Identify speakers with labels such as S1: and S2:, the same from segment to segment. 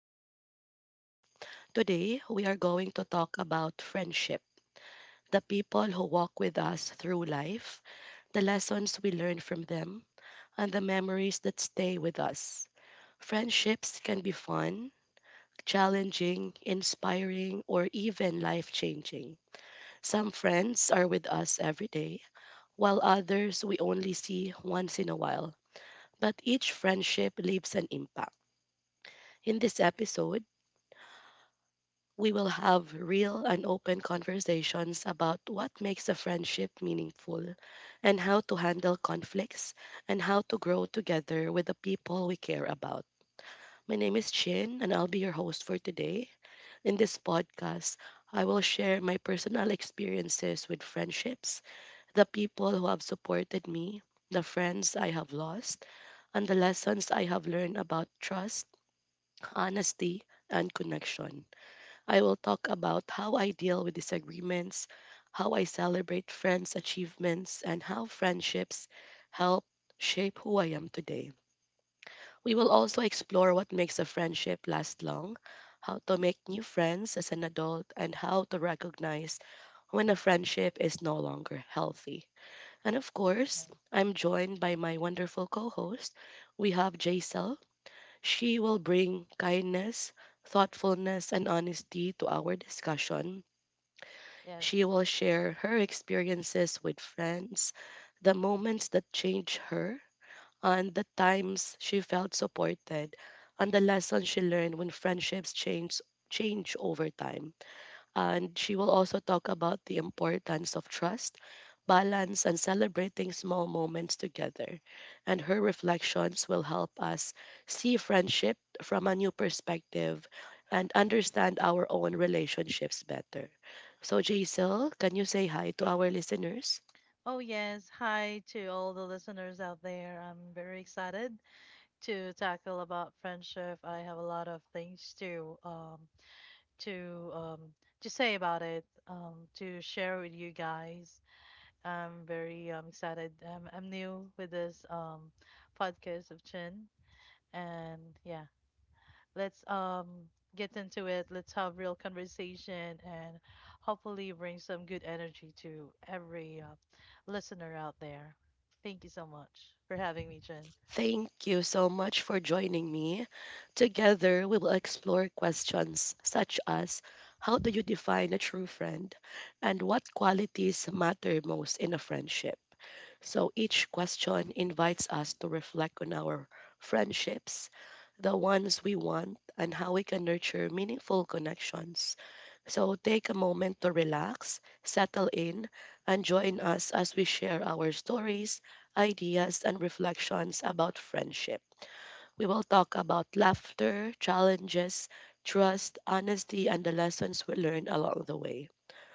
S1: to our podcast. Today, we are going to talk about friendship the people who walk with us through life, the lessons we learn from them, and the memories that stay with us. Friendships can be fun, challenging, inspiring, or even life changing. Some friends are with us every day, while others we only see once in a while. But each friendship leaves an impact. In this episode, we will have real and open conversations about what makes a friendship meaningful and how to handle conflicts and how to grow together with the people we care about. My name is Chin and I'll be your host for today. In this podcast, I will share my personal experiences with friendships, the people who have supported me, the friends I have lost, and the lessons I have learned about trust, honesty, and connection. I will talk about how I deal with disagreements, how I celebrate friends' achievements, and how friendships help shape who I am today. We will also explore what makes a friendship last long, how to make new friends as an adult, and how to recognize when a friendship is no longer healthy. And of
S2: Yes.
S1: course, I'm joined by my wonderful co host. We have Jaisal. She will bring kindness, thoughtfulness, and honesty to our discussion
S2: Yes.
S1: she will share her experiences with friends, the moments that changed her, and the times she felt supported, and the lessons she learned when friendships change over time and she will also talk about the importance of trust, balance, and celebrating small moments together. And her reflections will help us see friendship from a new perspective and understand our own relationships better. So, Jaisal, can you say hi to our listeners?
S2: Oh, yes. Hi to all the listeners out there. I'm very excited to tackle about friendship. I have a lot of things to to um to say about it, to share with you guys. I'm very excited. I'm new with this podcast of Chin, and yeah, let's get into it. Let's have real conversation and hopefully bring some good energy to every listener out there. Thank you so much for having me, Jen.
S1: Thank you so much for joining me. Together, we will explore questions such as how do you define a true friend? And what qualities matter most in a friendship? So each question invites us to reflect on our friendships, the ones we want, and how we can nurture meaningful connections. So take a moment to relax, settle in, and join us as we share our stories, ideas, and reflections about friendship. We will talk about laughter, challenges, trust, honesty, and the lessons we learn along the way.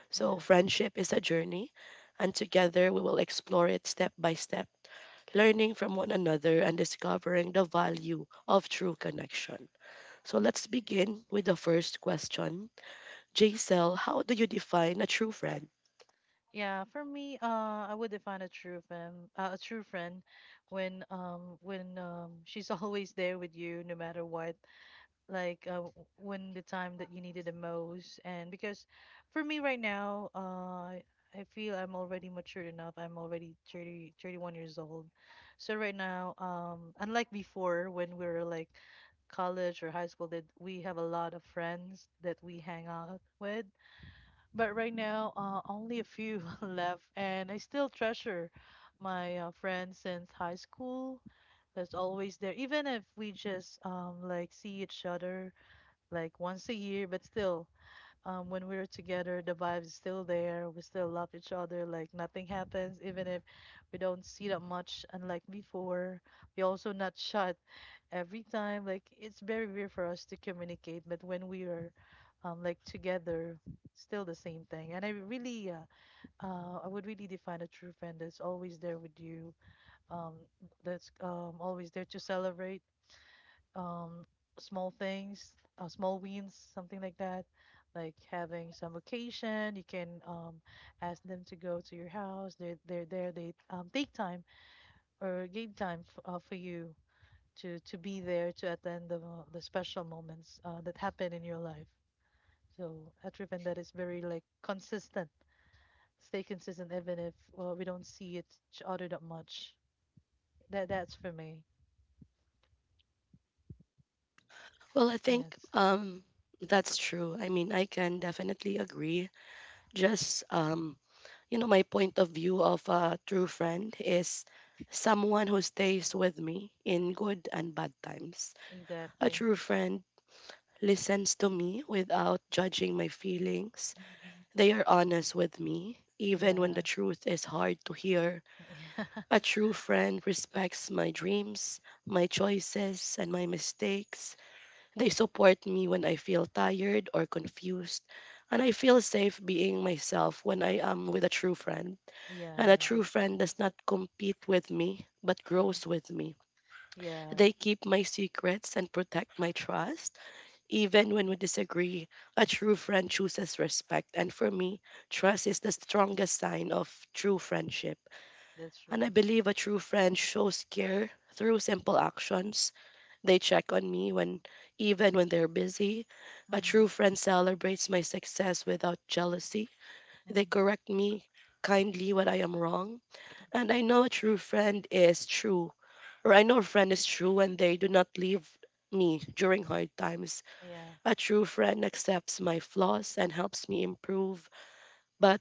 S1: So,
S2: Yes.
S1: friendship is a journey, and together we will explore it step by step learning from one another, and discovering the value of true connection. So let's begin with the first question. Jaisel, how do you define a true friend?
S2: Yeah, for me, I would define a true friend, a true friend, when she's always there with you no matter what, like when the time that you needed the most. And because for me right now, I feel I'm already matured enough. I'm already 30, 31 years old. So right now, unlike before when we were like college or high school, that we have a lot of friends that we hang out with. But right now, only a few left, and I still treasure my friends since high school that's always there even if we just like see each other like once a year, but still, when we're together, the vibe is still there. We still love each other. Like nothing happens, even if we don't see that much, unlike before. We also not shut every time. Like it's very weird for us to communicate, but when we are, like together, still the same thing. And I really, I would really define a true friend that's always there with you, um, that's always there to celebrate um small things, small wins, something like that. Like having some occasion, you can ask them to go to your house. They're there. They take time or give time for you to be there to attend the special moments that happen in your life. So at Riven, that is very like consistent. Stay consistent even if, well, we don't see each other that much. That's for me.
S1: Well, I think
S2: Yes,
S1: um, that's true. I mean, I can definitely agree. Just you know, my point of view of a true friend is someone who stays with me in good and bad times. A
S2: exactly.
S1: true friend listens to me without judging my feelings.
S2: hmm
S1: They are honest with me, even when the
S2: Yeah.
S1: truth is hard to hear.
S2: Yeah.
S1: A true friend respects my dreams, my choices, and my mistakes. They support me when I feel tired or confused, and I feel safe being myself when I am with a true friend. And a
S2: Yeah,
S1: true
S2: that's true.
S1: friend does not compete with me, but grows
S2: hmm
S1: with me.
S2: Yeah,
S1: They keep my secrets and protect my trust. Even when we disagree, a true friend chooses respect. And for me, trust is the strongest sign of true friendship.
S2: that's true.
S1: And I believe a true friend shows care through simple actions. They check on me when even when they're busy. A true
S2: hmm
S1: friend celebrates my success without jealousy. They
S2: hmm
S1: correct me kindly when I am wrong. And I know a true friend is true, or I know a friend is true when they do not leave me during hard times.
S2: Yeah,
S1: A true friend accepts my flaws and helps me improve, but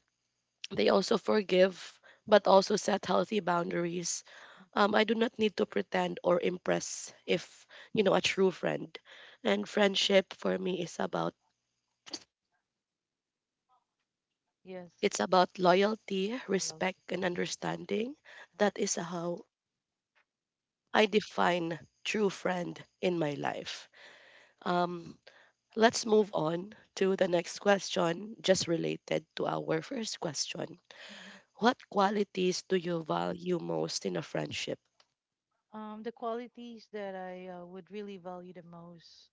S1: they also forgive, but also set healthy boundaries. I do not need to pretend or impress if, you know, a true friend. And friendship for me is about
S2: yes.
S1: it's about loyalty,
S2: I agree.
S1: respect, and understanding.
S2: Mhm.
S1: That is how I define true friend in my life.
S2: Yes.
S1: Um, let's move on to the next question, just related to our first question.
S2: hmm
S1: What qualities do you value most in a friendship?
S2: The qualities that I would really value the most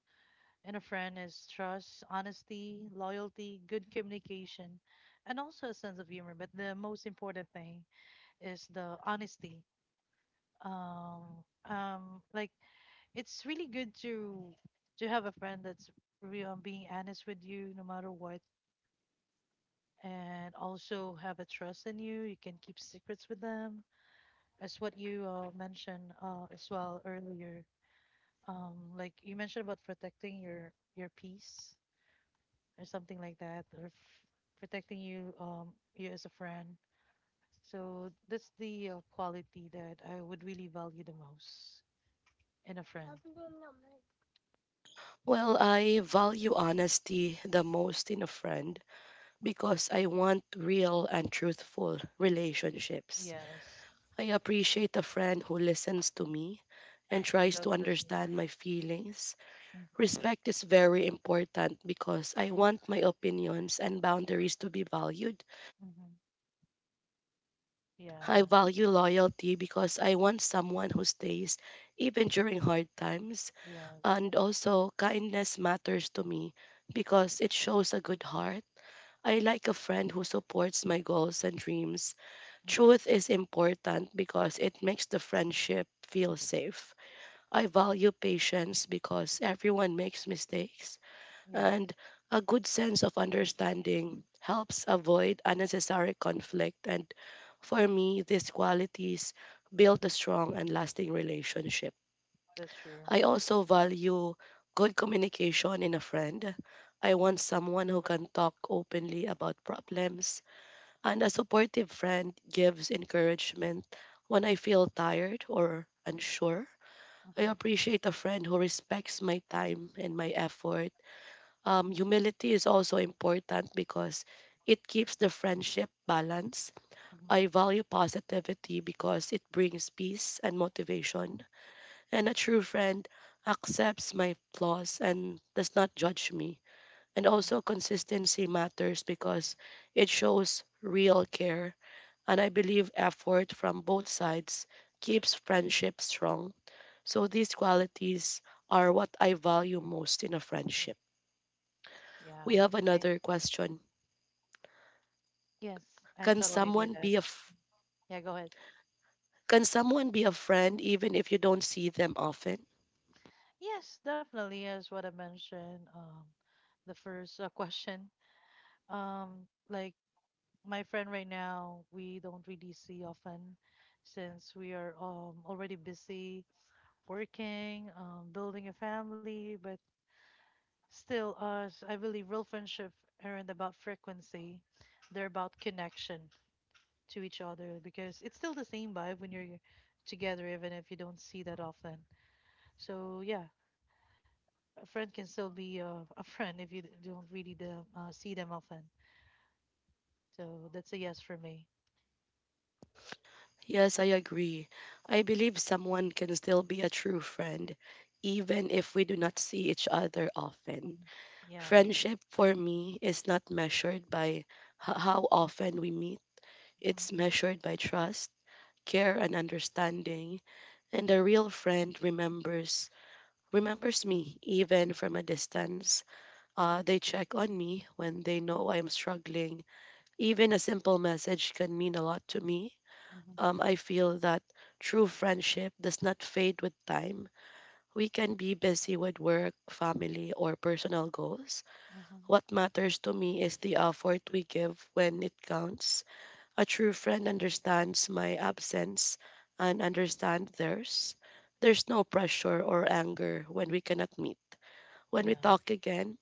S2: in a friend is trust, honesty, loyalty, good communication, and also a sense of humor. But the most important thing is the honesty. Like it's really good to have a friend that's real being honest with you no matter what and also have a trust in you. You can keep secrets with them, as what you mentioned as well earlier. Like you mentioned about protecting your peace or something like that, or protecting you, you as a friend. So that's the quality that I would really value the most in a friend.
S1: Well, I value honesty the most in a friend because I want real and truthful relationships.
S2: Yes.
S1: I appreciate a friend who listens to me
S2: Mhm,
S1: and tries
S2: without
S1: to
S2: judgment.
S1: understand my feelings.
S2: Mm-hmm.
S1: Respect is very important because I want my opinions and boundaries to be valued.
S2: Mm-hmm.
S1: I
S2: Yeah.
S1: value loyalty because I want someone who stays even during hard times.
S2: Yes.
S1: And also, kindness matters to me because it shows a good heart. I like a friend who supports my goals and dreams.
S2: hmm
S1: Truth is important because it makes the friendship feel safe. I value patience because everyone makes mistakes,
S2: Yes.
S1: and a good sense of understanding helps avoid unnecessary conflict. And for me, these qualities build a strong and lasting relationship.
S2: That's true.
S1: I also value good communication in a friend. I want
S2: hmm
S1: someone who can talk openly about problems, and a supportive friend gives encouragement when I feel tired or unsure. I
S2: hmm
S1: appreciate a friend who respects my time and my effort. Humility is also important because it keeps the friendship balanced.
S2: Mhm,
S1: I value positivity because it brings peace and motivation and a true friend accepts my flaws and does not judge me. And
S2: mhm,
S1: also, consistency matters because it shows real care. And I believe effort from both sides keeps friendship strong. So, these qualities are what I value most in a
S2: mhm.
S1: friendship. We
S2: Yeah,
S1: have
S2: I
S1: another question.
S2: yes, I
S1: Can
S2: totally agree with
S1: someone
S2: that.
S1: be a f-
S2: Yeah, go ahead.
S1: can someone be a friend even if you don't see them often?
S2: Yes, definitely as what I mentioned, the first question. Like my friend right now, we don't really see often since we are already busy working, building a family, but still, I believe real friendship aren't about frequency, they're about connection. To each other because it's still the same vibe when you're together, even if you don't see that often. So yeah, a friend can still be a friend if you don't really the, see them often. So that's a yes for me.
S1: Yes, I agree. I believe someone can still be a true friend, even if we do not see each other often.
S2: Mhm. Yeah.
S1: Friendship for me is not measured by how often we meet,
S2: Mhm.
S1: it's measured by trust, care, and understanding. And a real friend remembers. Remembers me even from a distance.
S2: Mhm.
S1: They check on me when they know I am struggling. Even a simple message can mean a lot to me.
S2: Mhm.
S1: Um, I feel that true friendship does not fade with time. We can be busy with work, family, or personal goals.
S2: Mhm.
S1: What matters to me is the effort we give when it counts. A true friend understands my absence and understands theirs. There's no pressure or anger when we cannot meet. When we
S2: Yeah.
S1: talk again,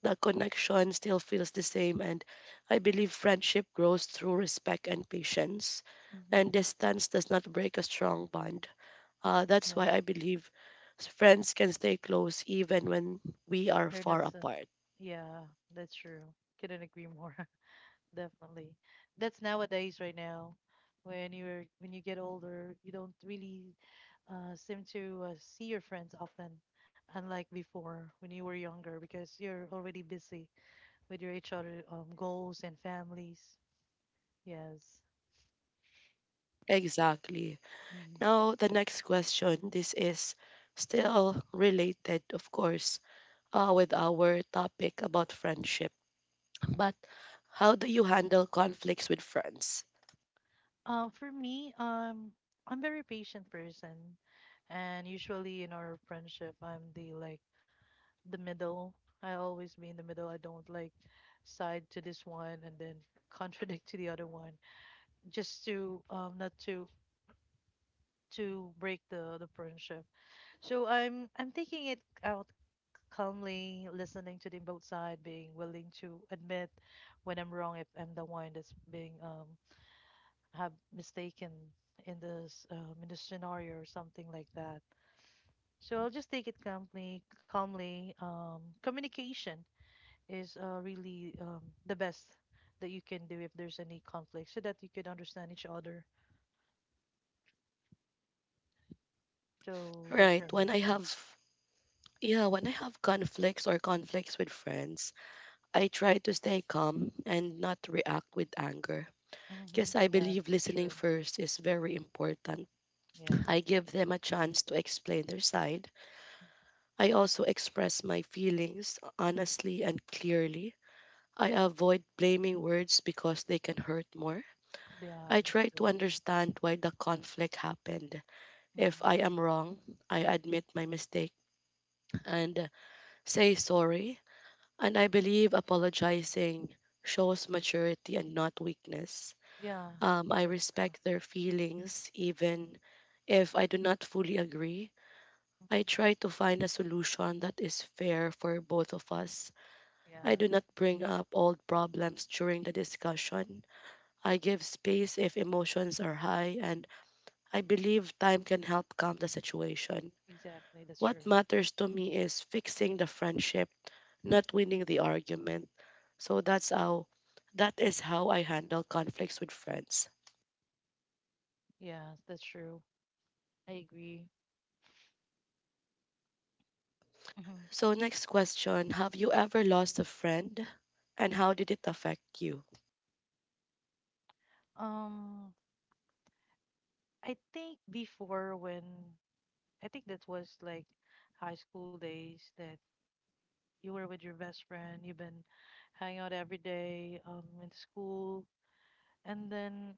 S1: the connection still feels the same, and I believe friendship grows through respect and patience,
S2: Mhm.
S1: and distance does not break a strong bond. That's
S2: Yes.
S1: why I believe friends can stay close even when we are
S2: They're not
S1: far
S2: so.
S1: apart.
S2: Yeah, that's true. Couldn't agree more. Definitely. That's nowadays right now. When you get older, you don't really seem to see your friends often, unlike before when you were younger, because you're already busy with your each other goals and families. Yes.
S1: Exactly.
S2: Mhm.
S1: Now, the next question. This is still related, of course, with our topic about friendship. But how do you handle conflicts with friends?
S2: For me, I'm very patient person, and usually in our friendship, I'm the like the middle. I always be in the middle. I don't like side to this one and then contradict to the other one just to not to to break the friendship. So I'm taking it out calmly, listening to the both side, being willing to admit when I'm wrong if I'm the one that's being have mistaken in this scenario or something like that. So I'll just take it calmly, calmly. Communication is really the best that you can do if there's any conflict so that you could understand each other. So that's
S1: Right.
S2: for
S1: When
S2: me.
S1: I have Yeah, when I have conflicts or conflicts with friends, I try to stay calm and not react with anger. Because I
S2: Yeah,
S1: believe
S2: that's
S1: listening
S2: true.
S1: first is very important.
S2: Yeah.
S1: I give them a chance to explain their side. I also express my feelings honestly and clearly. I avoid blaming words because they can hurt more.
S2: Yeah,
S1: I
S2: that's
S1: try
S2: true.
S1: to understand why the conflict happened. If I
S2: hmm
S1: am wrong, I admit my mistake and say sorry. And I believe apologizing shows maturity and not weakness.
S2: Yeah,
S1: I
S2: that's true.
S1: respect their feelings even if I do not fully agree. I
S2: hmm
S1: try to find a solution that is fair for both of us. I
S2: Yeah,
S1: do not bring up old problems during the discussion. I give space if emotions are high, and I believe time can help calm the situation.
S2: exactly. That's
S1: What
S2: true.
S1: matters to me is fixing the friendship, not winning the argument. So that is how I handle conflicts with friends.
S2: Yeah, that's true. I agree. hmm
S1: So next question, have you ever lost a friend and how did it affect you?
S2: Um, I think before when I think that was like high school days that you were with your best friend, you've been hanging out every day in school, and then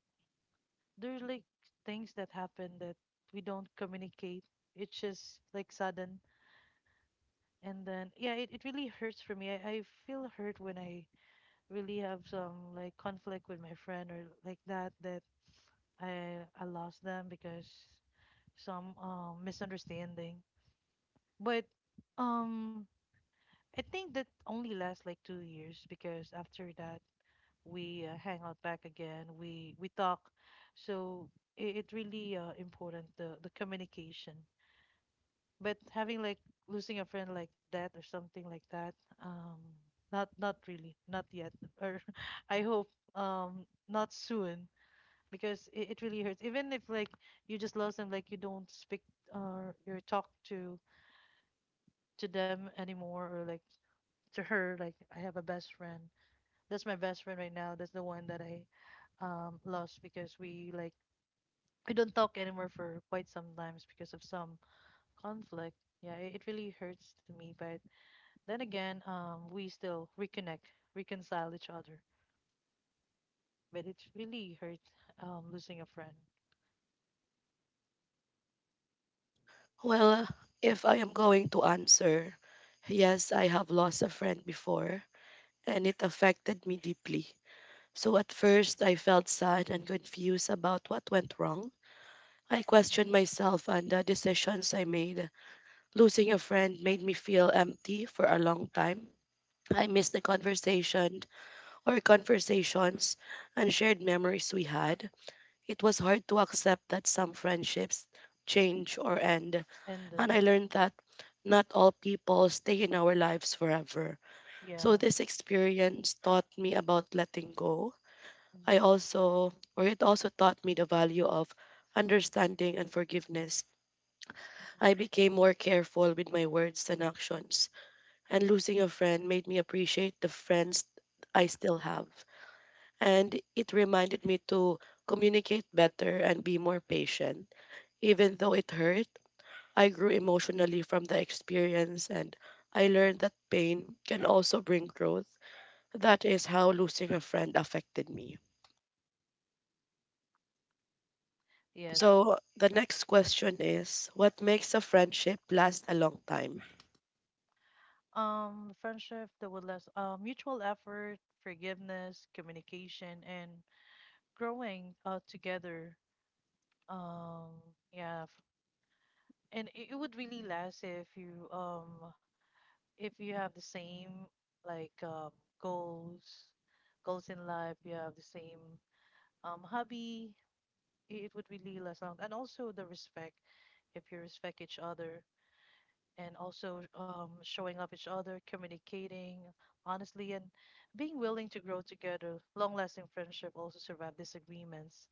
S2: there's like things that happen that we don't communicate. It's just like sudden. And then, yeah, it really hurts for me. I feel hurt when I really have some like conflict with my friend or like that, that I lost them because some misunderstanding. But um, I think that only lasts like 2 years because after that, we hang out back again. We talk. So it really important the communication. But having like losing a friend like that or something like that, um not not really, not yet, or I hope not soon, because it really hurts even if like you just lost them, like you don't speak, or you talk to them anymore, or like to her. Like I have a best friend that's my best friend right now, that's the one that I lost because we, like, we don't talk anymore for quite some times because of some conflict. Yeah, it really hurts to me, but then again, we still reconnect, reconcile each other. But it really hurts losing a friend.
S1: Well, if I am going to answer, yes, I have lost a friend before and it affected me deeply. So at first I felt sad and confused about what went wrong. I questioned myself and the decisions I made. Losing a friend made me feel empty for a long time. I missed the conversations and shared memories we had. It was hard to accept that some friendships change or end,
S2: And
S1: and
S2: then
S1: I learned that not all people stay in our lives forever. So
S2: yeah.
S1: this experience taught me about letting go. I also, or it also taught me the value of understanding and forgiveness. I became more careful with my words and actions and losing a friend made me appreciate the friends I still have. And it reminded me to communicate better and be more patient. Even though it hurt, I grew emotionally from the experience and I learned that pain can also bring growth. That is how losing a friend affected me.
S2: Yes.
S1: So, the next question is what makes a friendship last a long time?
S2: Friendship that would last, mutual effort, forgiveness, communication, and growing together. Um, yeah, and it would really last if you have the same like goals, goals in life. You have the same hobby. It would really last long. And also the respect, if you respect each other, and also showing up each other, communicating honestly and being willing to grow together. Long lasting friendship also survive disagreements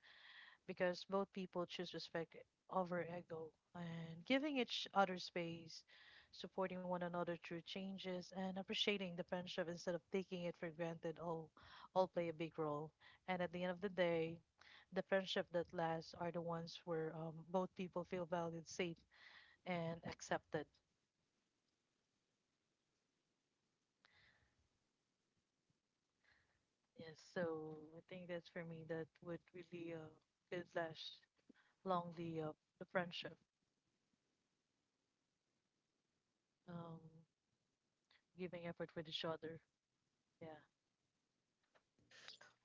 S2: because both people choose respect over ego, and giving each other space, supporting one another through changes, and appreciating the friendship instead of taking it for granted all play a big role. And at the end of the day, the friendship that lasts are the ones where, both people feel valued, safe, and accepted. Yes, so I think that's for me that would really, could last long the, the friendship, um, giving effort with each other. Yeah.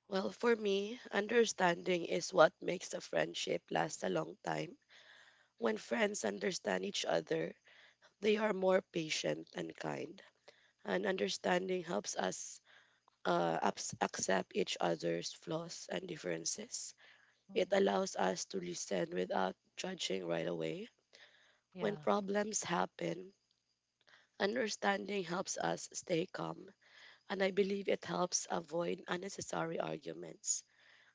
S1: Well, for me, understanding is what makes a friendship last a long time. When friends understand each other, they are more patient and kind. And understanding helps us accept each other's flaws and differences. It
S2: Mhm.
S1: allows us to listen without judging right away. When
S2: Yeah,
S1: problems happen, understanding helps us stay calm, and I believe it helps avoid unnecessary arguments.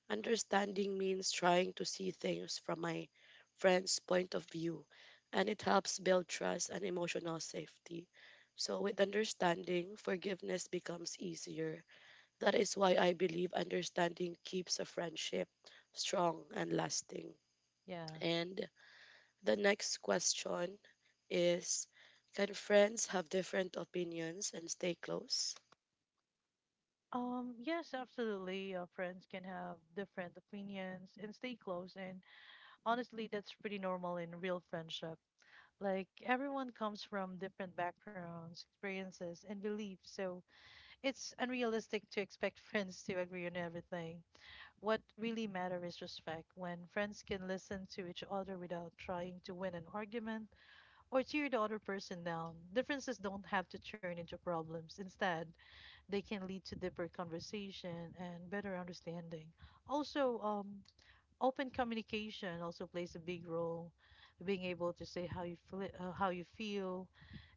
S1: Understanding means trying to see things from my friend's point of view, and it helps build trust and emotional safety. So, with understanding, forgiveness becomes easier. That is why I believe understanding keeps a friendship strong and lasting.
S2: yeah.
S1: And the next question is, can friends have different opinions and stay close?
S2: Yes, absolutely. Friends can have different opinions and stay close. And honestly, that's pretty normal in real friendship. Like, everyone comes from different backgrounds, experiences, and beliefs. So it's unrealistic to expect friends to agree on everything. What really matters is respect. When friends can listen to each other without trying to win an argument or tear the other person down, differences don't have to turn into problems. Instead, they can lead to deeper conversation and better understanding. Also, open communication also plays a big role. Being able to say how you feel,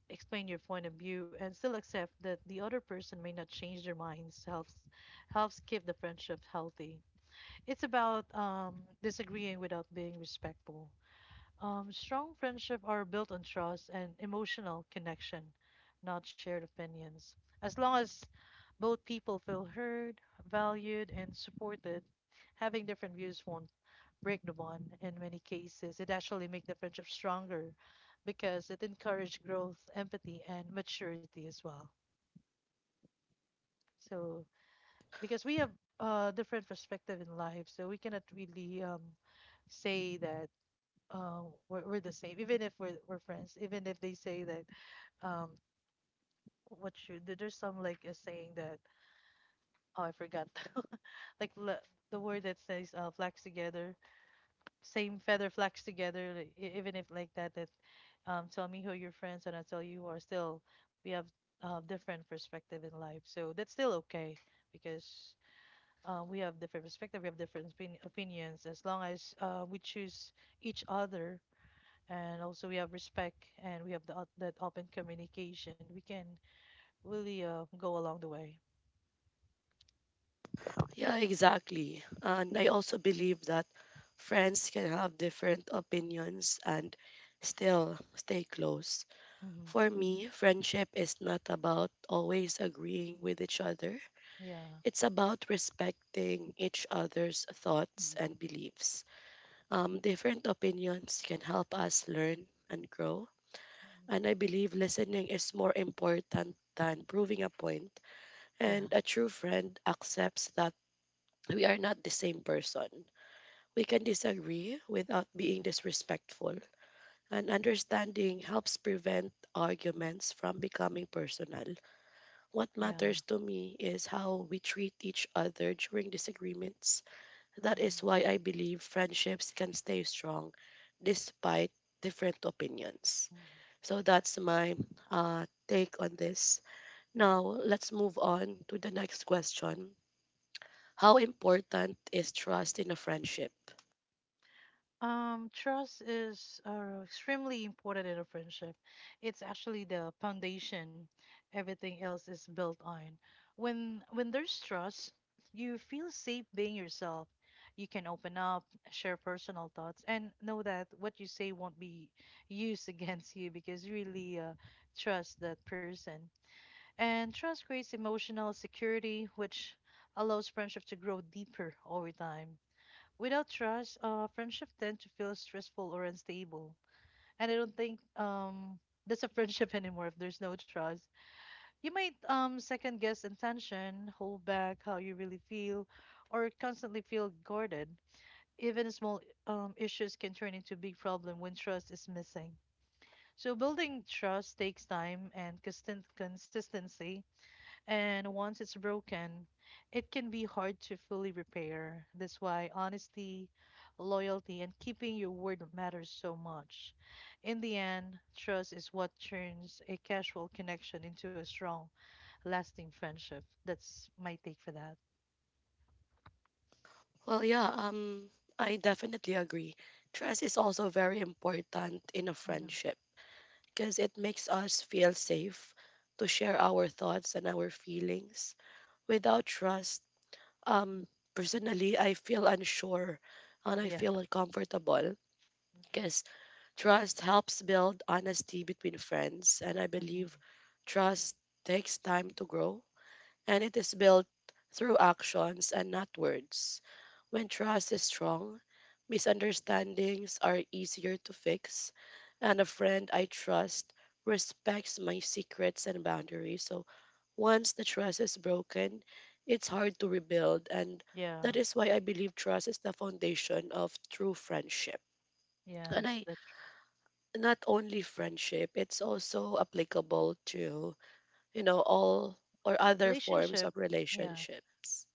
S2: explain your point of view, and still accept that the other person may not change their minds helps keep the friendship healthy. It's about, disagreeing without being respectful. Strong friendships are built on trust and emotional connection, not shared opinions, as long as both people feel heard, valued, and supported. Having different views won't break the bond. In many cases, it actually makes the friendship stronger because it encourages growth, empathy, and maturity as well. So because we have different perspective in life, so we cannot really, say that, uh, we're the same, even if we're, we're friends. Even if they say that, um, what you, there's some like a saying that, oh, I forgot. like le- the word that says, flax together, same feather flax together. Like, even if like that, that, tell me who your friends and I tell you who are still. We have different perspective in life, so that's still okay because, we have different perspective, we have different opinions. As long as we choose each other, and also we have respect and we have that open communication, we can really go along the way.
S1: Yeah, exactly. And I also believe that friends can have different opinions and still stay close.
S2: Hmm
S1: For me, friendship is not about always agreeing with each other.
S2: Yeah.
S1: It's about respecting each other's thoughts
S2: Mm.
S1: and beliefs. Different opinions can help us learn and grow.
S2: Mhm.
S1: And I believe listening is more important than proving a point. And
S2: Yeah.
S1: a true friend accepts that we are not the same person. We can disagree without being
S2: Mm-hmm.
S1: disrespectful, and understanding helps prevent arguments from becoming personal. What
S2: Yeah.
S1: matters to me is how we treat each other during disagreements. That is
S2: Mhm,
S1: why I believe friendships can stay strong despite different opinions.
S2: mhm,
S1: So that's my take on this.
S2: mhm.
S1: Now, let's move on to the next question. How important is trust in a friendship?
S2: Trust is extremely important in a friendship. It's actually the foundation everything else is built on. When there's trust, you feel safe being yourself. You can open up, share personal thoughts, and know that what you say won't be used against you because you really trust that person. And trust creates emotional security, which allows friendship to grow deeper over time. Without trust, friendship tend to feel stressful or unstable. And I don't think that's a friendship anymore if there's no trust. You might second guess intention, hold back how you really feel, or constantly feel guarded. Even small issues can turn into big problem when trust is missing. So building trust takes time and consistent consistency. And once it's broken, it can be hard to fully repair. That's why honesty, loyalty, and keeping your word matters so much. In the end, trust is what turns a casual connection into a strong, lasting friendship. That's my take for that.
S1: Well, yeah, I definitely agree. Trust is also very important in a
S2: Mm-hmm.
S1: friendship because it makes us feel safe to share our thoughts and our feelings. Without trust, um, personally, I feel unsure and I
S2: Yeah.
S1: feel uncomfortable, because trust helps build honesty between friends, and I
S2: hmm
S1: believe trust takes time to grow and it is built through actions and not words. When trust is strong, misunderstandings are easier to fix, and a friend I trust respects my secrets and boundaries. So once the trust is broken, it's hard to rebuild, and
S2: Yeah.
S1: that is why I believe trust is the foundation of true friendship. And
S2: Yes,
S1: I,
S2: that's true.
S1: not only friendship, it's also applicable to, you know, all or other forms
S2: Relationship.
S1: of
S2: Yeah.
S1: relationships.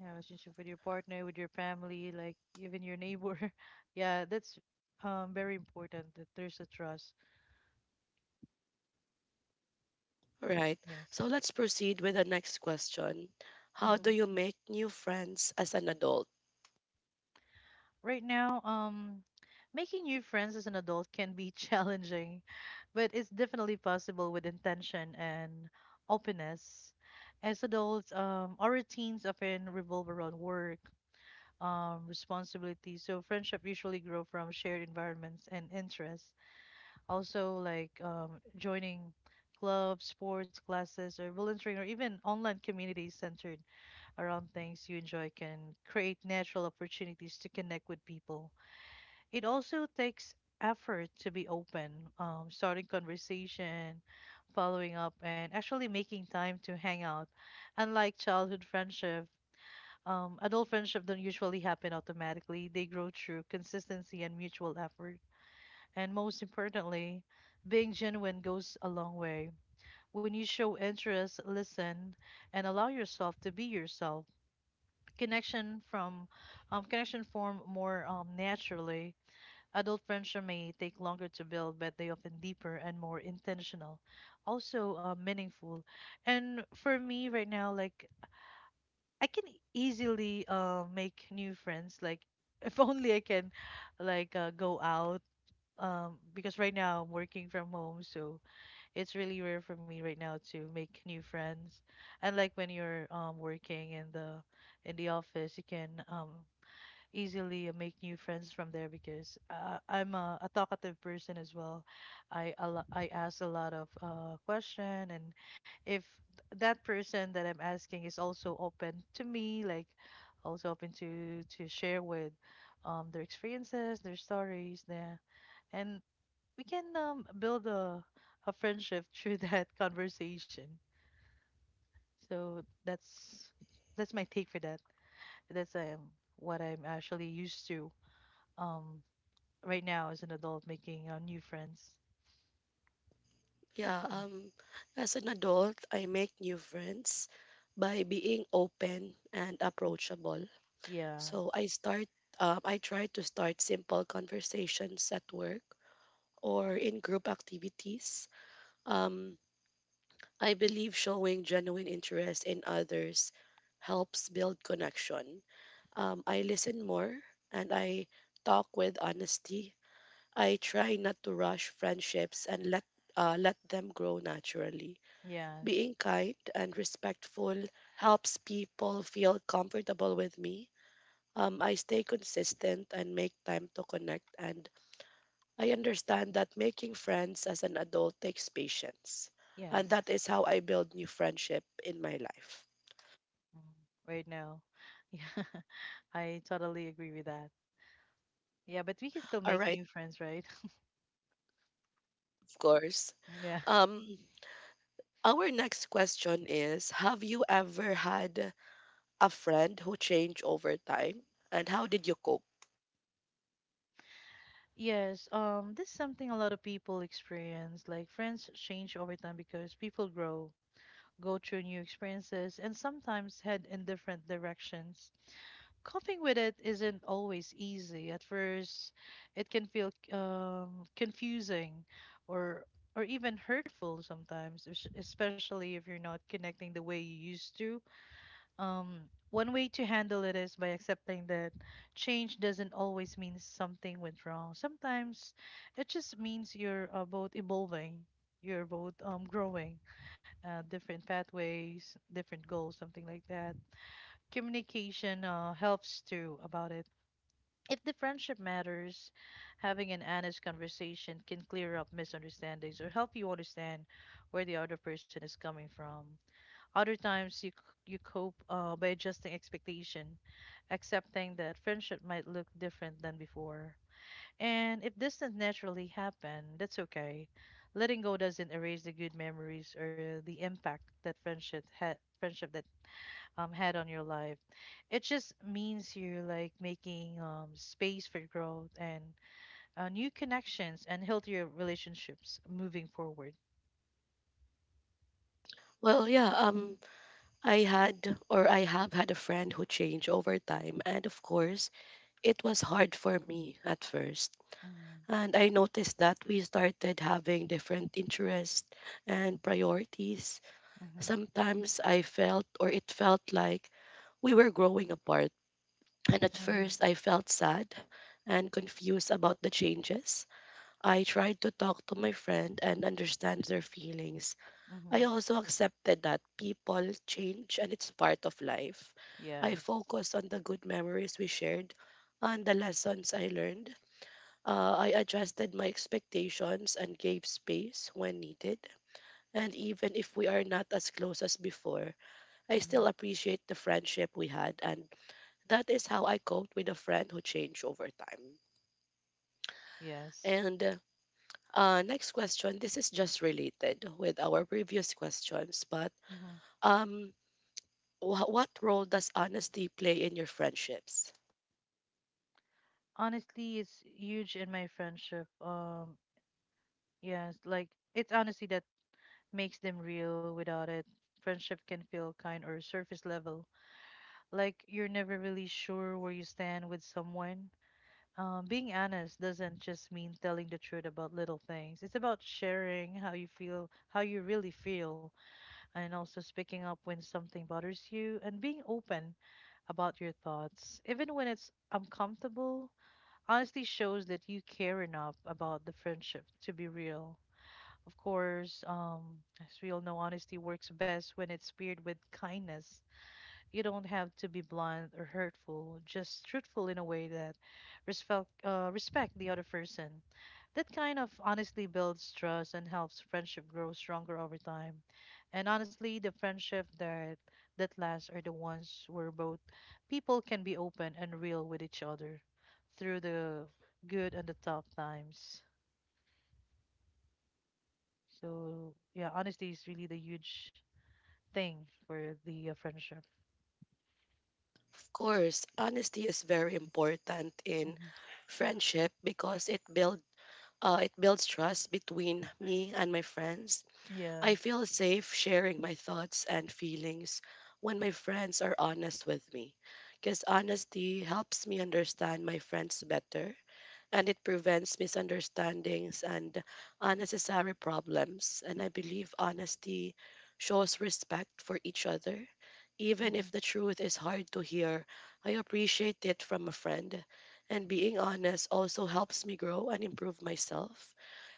S2: Yeah, relationship with your partner, with your family, like even your neighbor. Yeah, that's very important that there's a trust.
S1: Right.
S2: Yes.
S1: So let's proceed with the next question. How do
S2: hmm
S1: you make new friends as an adult?
S2: Right now, making new friends as an adult can be challenging, but it's definitely possible with intention and openness. As adults, our routines often revolve around work, responsibilities, so friendship usually grow from shared environments and interests. Also, like joining clubs, sports classes, or volunteering, or even online communities centered around things you enjoy can create natural opportunities to connect with people. It also takes effort to be open, starting conversation, following up, and actually making time to hang out. Unlike childhood friendship, adult friendship don't usually happen automatically. They grow through consistency and mutual effort. And most importantly, being genuine goes a long way. When you show interest, listen, and allow yourself to be yourself, Connection from connection form more naturally. Adult friendship may take longer to build, but they often deeper and more intentional, also meaningful. And for me right now, like I can easily make new friends. Like if only I can, like go out. Because right now I'm working from home, so it's really rare for me right now to make new friends. And like when you're working in the office, you can easily make new friends from there because I'm a talkative person as well. I ask a lot of question and if that person that I'm asking is also open to me, like also open to share with their experiences, their stories, there, and we can build a friendship through that conversation. So that's my take for that. That's what I'm actually used to. Um, right now as an adult making new friends.
S1: Yeah, as an adult, I make new friends by being open and approachable.
S2: Yeah.
S1: So I try to start simple conversations at work or in group activities. Um I believe showing genuine interest in others helps build connection. I listen more and I talk with honesty. I try not to rush friendships and let let them grow naturally.
S2: Yes.
S1: Being kind and respectful helps people feel comfortable with me. I stay consistent and make time to connect, and I understand that making friends as an adult takes patience. And that
S2: Yes.
S1: is how I build new friendship in my life.
S2: Mhm. Right now. Yeah. I totally agree with that. Yeah, but we can still
S1: All
S2: make
S1: right,
S2: new friends, right?
S1: of course.
S2: Yeah.
S1: Um, Our next question is, have you ever had a friend who changed over time? And how did you cope?
S2: Yes. This is something a lot of people experience. Like friends change over time because people grow, go through new experiences, and sometimes head in different directions. Coping with it isn't always easy. At first, it can feel confusing or or even hurtful sometimes, especially if you're not connecting the way you used to. Um, One way to handle it is by accepting that change doesn't always mean something went wrong. Sometimes it just means you're both evolving, you're both growing, different pathways, different goals, something like that. Communication helps too about it. If the friendship matters, having an honest conversation can clear up misunderstandings or help you understand where the other person is coming from. Other times, you cope by adjusting expectation, accepting that friendship might look different than before. And if distance naturally happen, that's okay. Letting go doesn't erase the good memories or the impact that friendship had friendship that had on your life. It just means you're like making space for growth and new connections and healthier relationships moving forward.
S1: Well, yeah, I had, or I have had a friend who changed over time. And of course, it was hard for me at first.
S2: Mm-hmm.
S1: And I noticed that we started having different interests and priorities.
S2: Mm-hmm.
S1: Sometimes I felt, or it felt like we were growing apart. And at
S2: Mm-hmm.
S1: first, I felt sad and confused about the changes. I tried to talk to my friend and understand their feelings. I
S2: Mm-hmm.
S1: also accepted that people change and it's part of life. I
S2: Yes.
S1: focused on the good memories we shared and the lessons I learned. I adjusted my expectations and gave space when needed. And even if we are not as close as before, I
S2: Mm-hmm.
S1: still appreciate the friendship we had. And that is how I coped with a friend who changed over time.
S2: Yes.
S1: And next question. This is just related with our previous questions, but
S2: Mm-hmm.
S1: um, what role does honesty play in your friendships?
S2: Honestly, it's huge in my friendship. Yes like it's honestly that makes them real. Without it, friendship can feel kind or surface level, like you're never really sure where you stand with someone. Being honest doesn't just mean telling the truth about little things. It's about sharing how you feel, how you really feel, and also speaking up when something bothers you and being open about your thoughts, even when it's uncomfortable. Honesty shows that you care enough about the friendship to be real. Of course, as we all know, honesty works best when it's paired with kindness. You don't have to be blunt or hurtful, just truthful in a way that respect the other person. That kind of honestly builds trust and helps friendship grow stronger over time. And honestly, the friendship that lasts are the ones where both people can be open and real with each other through the good and the tough times. So yeah, honesty is really the huge thing for the friendship.
S1: Of course, honesty is very important in
S2: Hmm
S1: friendship because it builds trust between me and my friends.
S2: Yeah.
S1: I feel safe sharing my thoughts and feelings when my friends are honest with me, because honesty helps me understand my friends better and it prevents misunderstandings and unnecessary problems. And I believe honesty shows respect for each other. Even if
S2: hmm
S1: the truth is hard to hear, I appreciate it from a friend. And being honest also helps me grow and improve myself.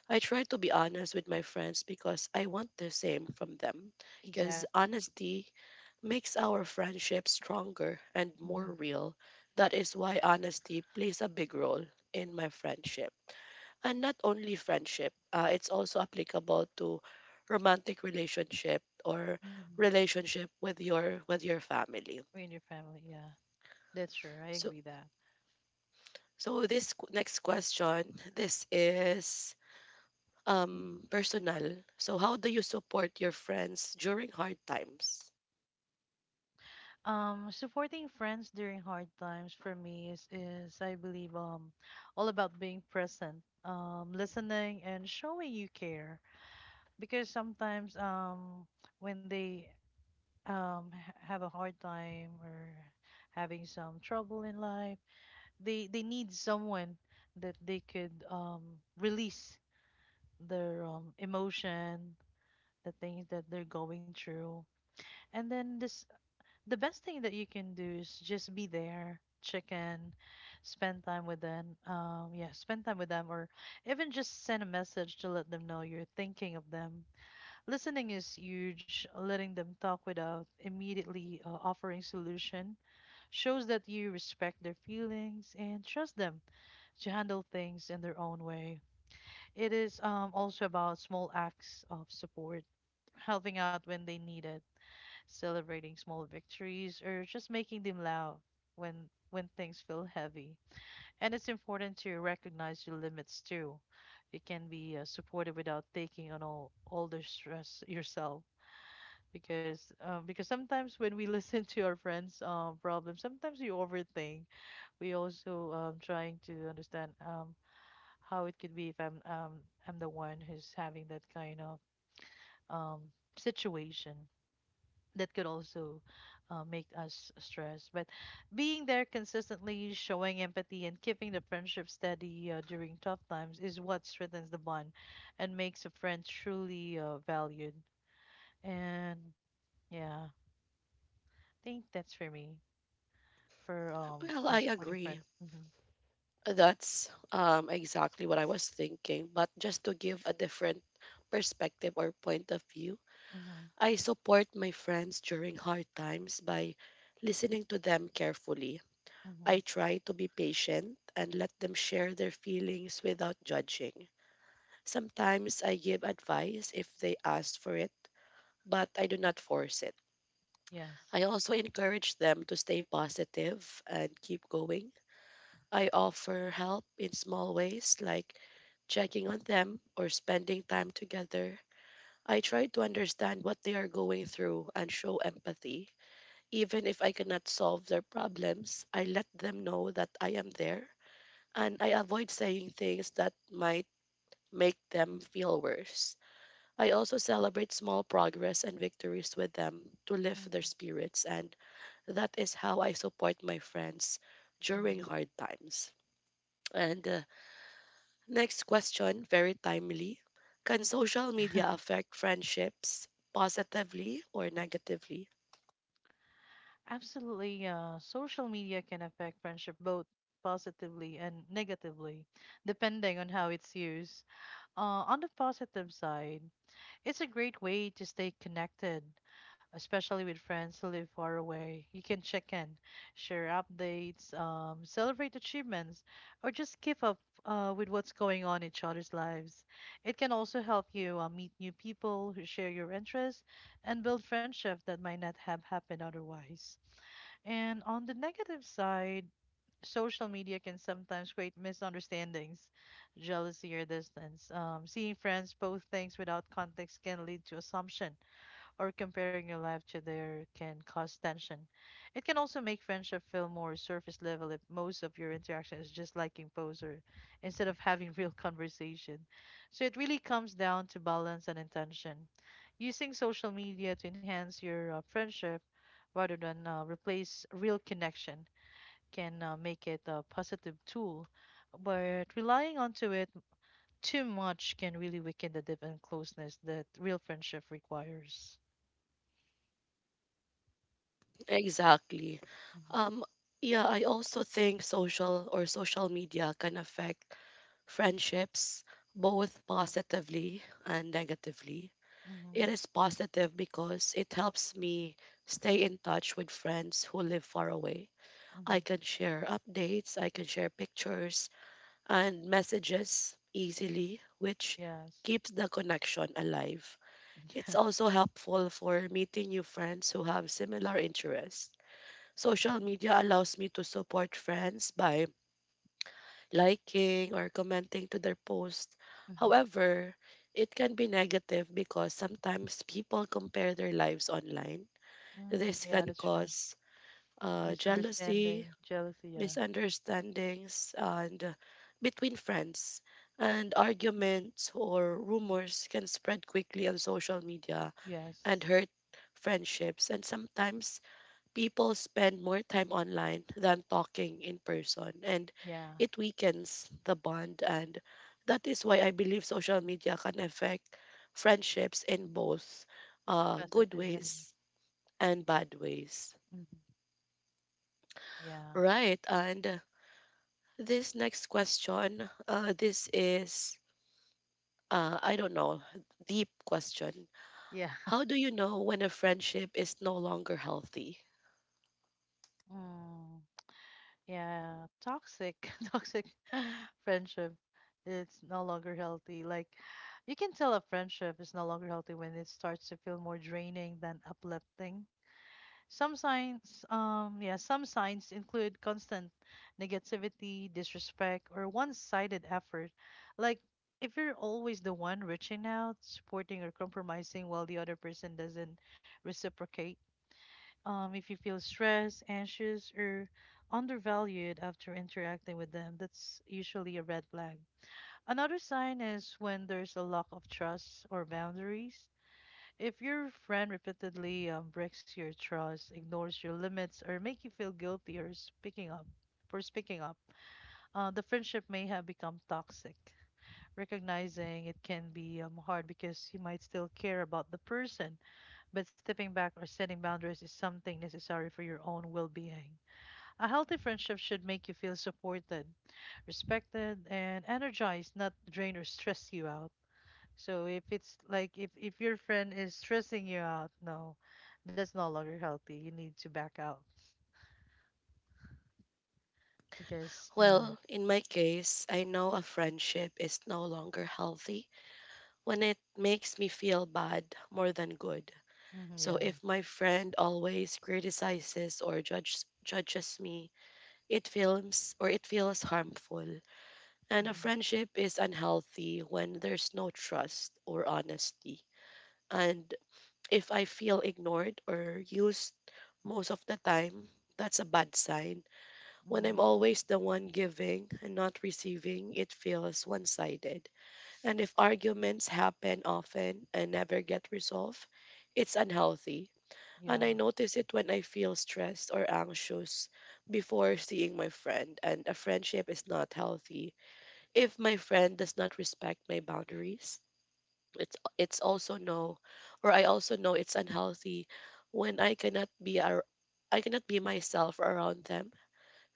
S1: I try to be honest with my friends because I want the same from them. Because
S2: Exactly.
S1: honesty makes our friendship stronger and more
S2: Mm-hmm.
S1: real. That is why honesty plays a big role in my friendship. And not only friendship, it's also applicable to romantic relationship or
S2: hmm
S1: relationship with your family.
S2: With your family, yeah, that's true. I
S1: So
S2: agree that.
S1: so next question, this is personal. So how do you support your friends during hard times?
S2: Supporting friends during hard times for me is I believe all about being present, listening and showing you care. Because sometimes when they have a hard time or having some trouble in life, they need someone that they could release their emotion, the things that they're going through. And then this the best thing that you can do is just be there, check in, spend time with them. Yeah, spend time with them, or even just send a message to let them know you're thinking of them. Listening is huge. Letting them talk without immediately offering solution shows that you respect their feelings and trust them to handle things in their own way. It is also about small acts of support, helping out when they need it, celebrating small victories, or just making them loud when when things feel heavy. And it's important to recognize your limits too. You can be supported without taking on all the stress yourself. Because sometimes when we listen to our friends' problems, sometimes we overthink. We also trying to understand how it could be if I'm the one who's having that kind of um situation. That could also make us stressed. But being there consistently, showing empathy, and keeping the friendship steady during tough times is what strengthens the bond and makes a friend truly valued. And yeah, I think that's for me for
S1: Well,
S2: yeah
S1: I
S2: supporting
S1: agree.
S2: friends. Mm-hmm.
S1: That's exactly what I was thinking. But just to give a different perspective or point of view,
S2: Mm-hmm.
S1: I support my friends during hard times by listening to them carefully. I
S2: Mm-hmm.
S1: try to be patient and let them share their feelings without judging. Sometimes I give advice if they ask for it, but I do not force it.
S2: Yes.
S1: I also encourage them to stay positive and keep going. I offer help in small ways like checking on them or spending time together. I try to understand what they are going through and show empathy. Even if I cannot solve their problems, I let them know that I am there, and I avoid saying things that might make them feel worse. I also celebrate small progress and victories with them to lift their
S2: Mm-hmm.
S1: spirits, and that is how I support my friends during hard
S2: Mm-hmm.
S1: times. And Next question, very timely. Can social media affect friendships positively or negatively?
S2: Absolutely. Social media can affect friendship both positively and negatively, depending on how it's used. Uh, on the positive side, it's a great way to stay connected, especially with friends who live far away. You can check in, share updates, celebrate achievements, or just keep up with what's going on in each other's lives. It can also help you meet new people who share your interests and build friendships that might not have happened otherwise. And on the negative side, social media can sometimes create misunderstandings, jealousy, or distance. Seeing friends post things without context can lead to assumption, or comparing your life to theirs can cause tension. It can also make friendship feel more surface level if most of your interaction is just liking posts or instead of having real conversation. So it really comes down to balance and intention. Using social media to enhance your friendship rather than replace real connection can make it a positive tool, but relying onto it too much can really weaken the depth and closeness that real friendship requires.
S1: Exactly.
S2: Mm-hmm.
S1: Um, yeah, I also think social media can affect friendships both positively and negatively.
S2: Mm-hmm.
S1: It is positive because it helps me stay in touch with friends who live far away. I
S2: Mm-hmm.
S1: can share updates, I can share pictures, and messages easily, which
S2: Yes.
S1: keeps the connection alive. It's also helpful for meeting new friends who have similar interests. Social media allows me to support friends by liking or commenting to their posts.
S2: Mm-hmm.
S1: However, it can be negative because sometimes people compare their lives online.
S2: Mm,
S1: This
S2: yeah,
S1: can
S2: that's true.
S1: cause jealousy,
S2: Misunderstanding, jealousy. Yeah.
S1: misunderstandings and between friends, and arguments or rumors can spread quickly on social media and
S2: Yes.
S1: hurt friendships, and sometimes people spend more time online than talking in person, and
S2: Yeah.
S1: it weakens the bond. And that is why I believe social media can affect friendships in both good
S2: Positive and
S1: ways and bad ways.
S2: Mm-hmm. yeah.
S1: Right. And this next question, this is, I don't know, deep question.
S2: Yeah.
S1: How do you know when a friendship is no longer healthy?
S2: Mm. Yeah, toxic, toxic friendship. It's no longer healthy. Like you can tell a friendship is no longer healthy when it starts to feel more draining than uplifting. Some signs, yeah, some signs include constant negativity, disrespect, or one-sided effort. Like if you're always the one reaching out, supporting, or compromising while the other person doesn't reciprocate. If you feel stressed, anxious, or undervalued after interacting with them, that's usually a red flag. Another sign is when there's a lack of trust or boundaries. If your friend repeatedly breaks your trust, ignores your limits, or make you feel guilty or speaking up for speaking up, the friendship may have become toxic. Recognizing it can be hard because you might still care about the person, but stepping back or setting boundaries is something necessary for your own well being. A healthy friendship should make you feel supported, respected, and energized, not drain or stress you out. So if it's like if your friend is stressing you out, no, that's no longer healthy. You need to back out because yeah,
S1: Well, in my case, I know a friendship is no longer healthy when it makes me feel bad more than good. So
S2: yeah,
S1: if my friend always criticizes or judges me, it feels harmful. And a
S2: hmm
S1: friendship is unhealthy when there's no trust or honesty. And if I feel ignored or used most of the time, that's a bad sign. When I'm
S2: hmm
S1: always the one giving and not receiving, it feels one sided. And if arguments happen often and never get resolved, it's unhealthy. And
S2: yeah,
S1: I notice it when I feel stressed or anxious before seeing my friend, and a friendship is not healthy. If my friend does not respect my boundaries, it's also no or I also know it's unhealthy when I cannot be myself around them.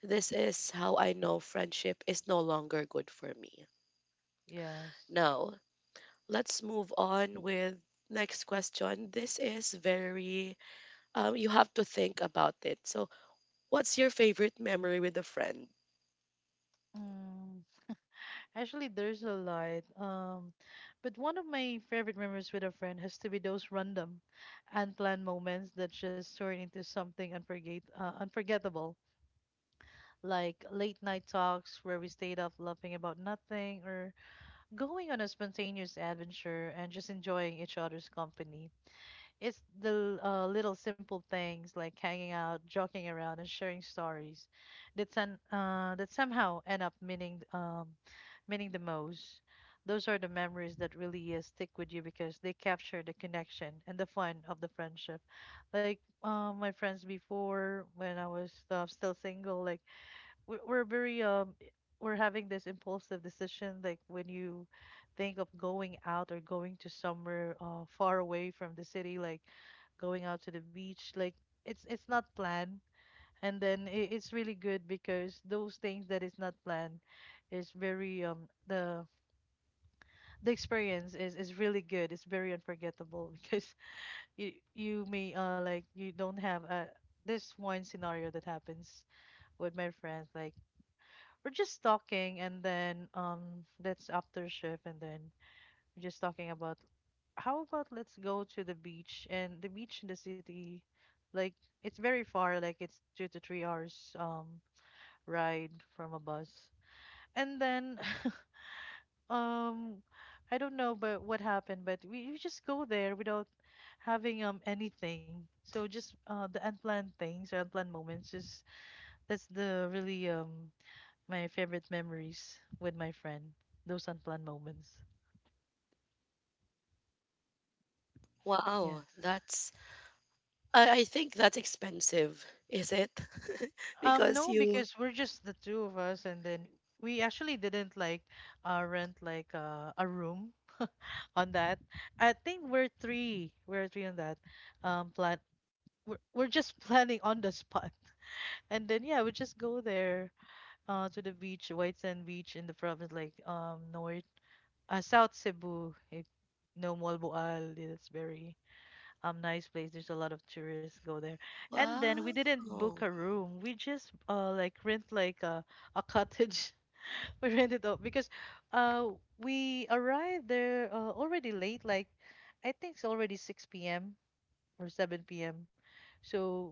S1: This is how I know friendship is no longer good for me.
S2: yes.
S1: Now, let's move on with next question. This is very you have to think about it. So what's your favorite memory with a friend?
S2: Mm. Actually, there's a lot. But one of my favorite memories with a friend has to be those random, unplanned moments that just turn into something unforget unforgettable, like late night talks where we stayed up laughing about nothing, or going on a spontaneous adventure and just enjoying each other's company. It's the little simple things like hanging out, joking around, and sharing stories that somehow end up meaning the most. Those are the memories that really stick with you because they capture the connection and the fun of the friendship. Like my friends before, when I was still single, like we're very we're having this impulsive decision, like when you think of going out or going to somewhere far away from the city, like going out to the beach. Like it's not planned, and then I it's really good because those things that is not planned is very the experience is really good. It's very unforgettable because you may like you don't have a this one scenario that happens with my friends. Like we're just talking, and then that's after shift, and then we're just talking about how about let's go to the beach, and the beach in the city, like it's very far, like it's 2 to 3 hours ride from a bus, and then um I don't know but what happened, but we just go there without having anything. So just the unplanned things or unplanned moments, just that's the really my favorite memories with my friend, those unplanned moments.
S1: Wow,
S2: Yes.
S1: that's, I think that's expensive, is it? Because
S2: No,
S1: you—
S2: because we're just the two of us, and then we actually didn't like rent like a room on that. I think we're three. We're three on that. Plan. We're just planning on the spot, and then yeah, we just go there to the beach, White Sand Beach in the province, like north, South Cebu. If no Malboal, it's very nice place. There's a lot of tourists go there. And then we
S1: wow.
S2: didn't book a room. We just like rent like a cottage. We rented out because uh we arrived there already late. Like I think it's already 6 p.m. or 7 p.m. So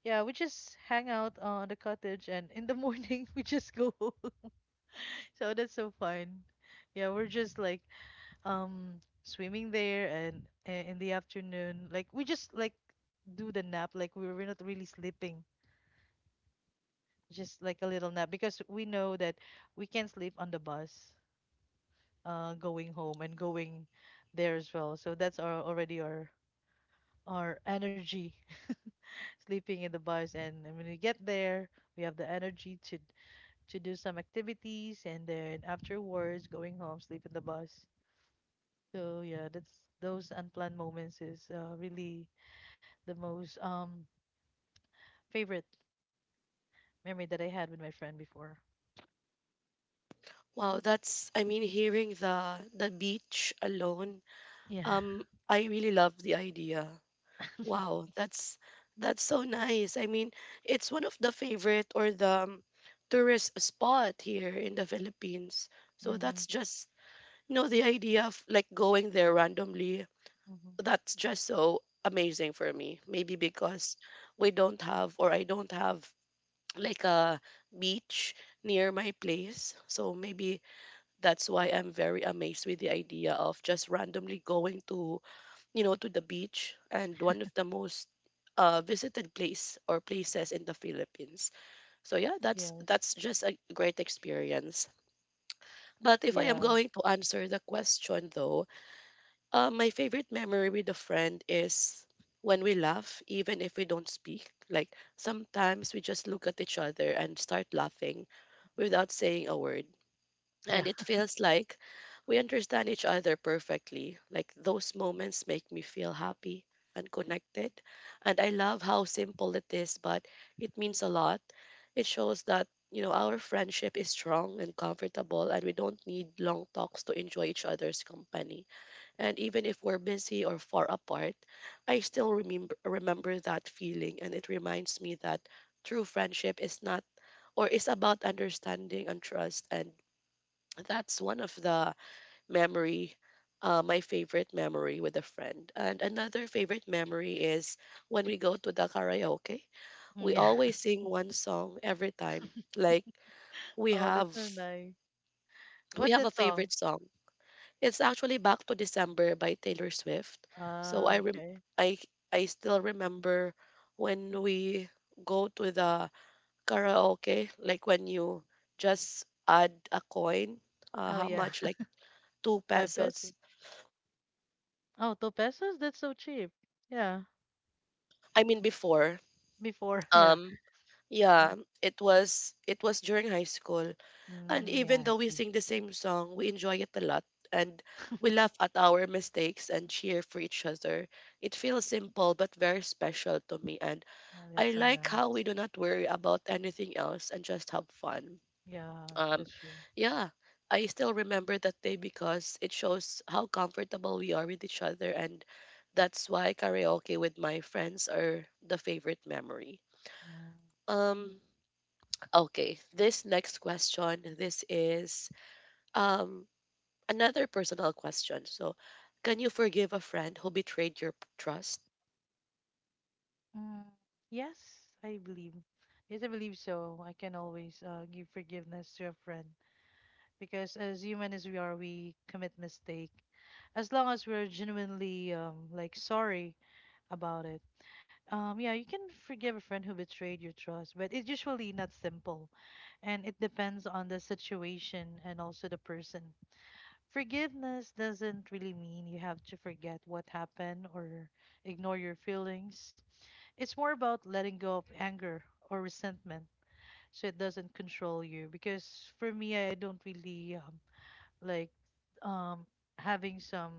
S2: yeah, we just hang out on the cottage, and in the morning we just go home. So that's so fun. Yeah, we're just like um swimming there and in the afternoon, like we just like do the nap. Like we were not really sleeping, just like a little nap, because we know that we can sleep on the bus going home and going there as well, so that's our already our energy, sleeping in the bus, and when we get there we have the energy to do some activities, and then afterwards going home sleep in the bus. So yeah, that's those unplanned moments is really the most favorite memory that I had with my friend before.
S1: Wow, that's, I mean, hearing the beach alone.
S2: Yeah.
S1: I really love the idea. Wow, that's so nice. I mean, it's one of the favorite or the tourist spot here in the Philippines. So that's
S2: Mm-hmm.
S1: just, you know, the idea of like going there randomly.
S2: Mm-hmm.
S1: That's just so amazing for me. Maybe because we don't have or I don't have like a beach near my place. So maybe that's why I'm very amazed with the idea of just randomly going to, you know, to the beach and one of the most visited place or places in the Philippines. So yeah,
S2: Yes.
S1: that's just a great experience. But if I am
S2: Yeah.
S1: going to answer the question though, my favorite memory with a friend is when we laugh, even if we don't speak. Like sometimes we just look at each other and start laughing without saying a word. And
S2: Yeah.
S1: it feels like we understand each other perfectly. Like those moments make me feel happy and connected. And I love how simple it is, but it means a lot. It shows that, our friendship is strong and comfortable, and we don't need long talks to enjoy each other's company. And even if we're busy or far apart, I still remember that feeling, and it reminds me that true friendship is not or is about understanding and trust. And that's one of the memory my favorite memory with a friend and another favorite memory is when we go to the karaoke.
S2: Mm,
S1: We
S2: yeah.
S1: always sing one song every time. Like we
S2: Oh, that's
S1: have
S2: so nice.
S1: we
S2: What's
S1: have a
S2: that
S1: favorite
S2: song?
S1: song. It's actually Back to December by Taylor Swift. so
S2: Ah,
S1: i rem-
S2: okay.
S1: i I still remember when we go to the karaoke, like when you just add a coin.
S2: Oh
S1: How
S2: yeah.
S1: much, like two
S2: Five
S1: pesos.
S2: pesos. Oh, two pesos? That's so cheap. Yeah.
S1: I mean before.
S2: Before, yeah.
S1: Um yeah,
S2: And
S1: it was during high school. And
S2: mm, yeah,
S1: even
S2: I
S1: though we
S2: see.
S1: sing the same song, we enjoy it a lot, and we laugh at our mistakes and cheer for each other. It feels simple but very special to me, and
S2: Oh, that's
S1: I
S2: so
S1: like how
S2: nice.
S1: we do not worry about anything else and just have fun.
S2: Yeah,
S1: Um
S2: that's true.
S1: yeah, I still remember that day because it shows how comfortable we are with each other, and that's why karaoke with my friends are the favorite memory.
S2: Mm.
S1: Um, okay, this next question, this is um another personal question. So, can you forgive a friend who betrayed your trust?
S2: Mm, Yes, I believe. Yes, I believe so. I can always give forgiveness to a friend because as human as we are, we commit mistake. As long as we're genuinely like sorry about it. Yeah, you can forgive a friend who betrayed your trust, but it's usually not simple, and it depends on the situation and also the person. Forgiveness doesn't really mean you have to forget what happened or ignore your feelings. It's more about letting go of anger or resentment so it doesn't control you, because for me I don't really like um having some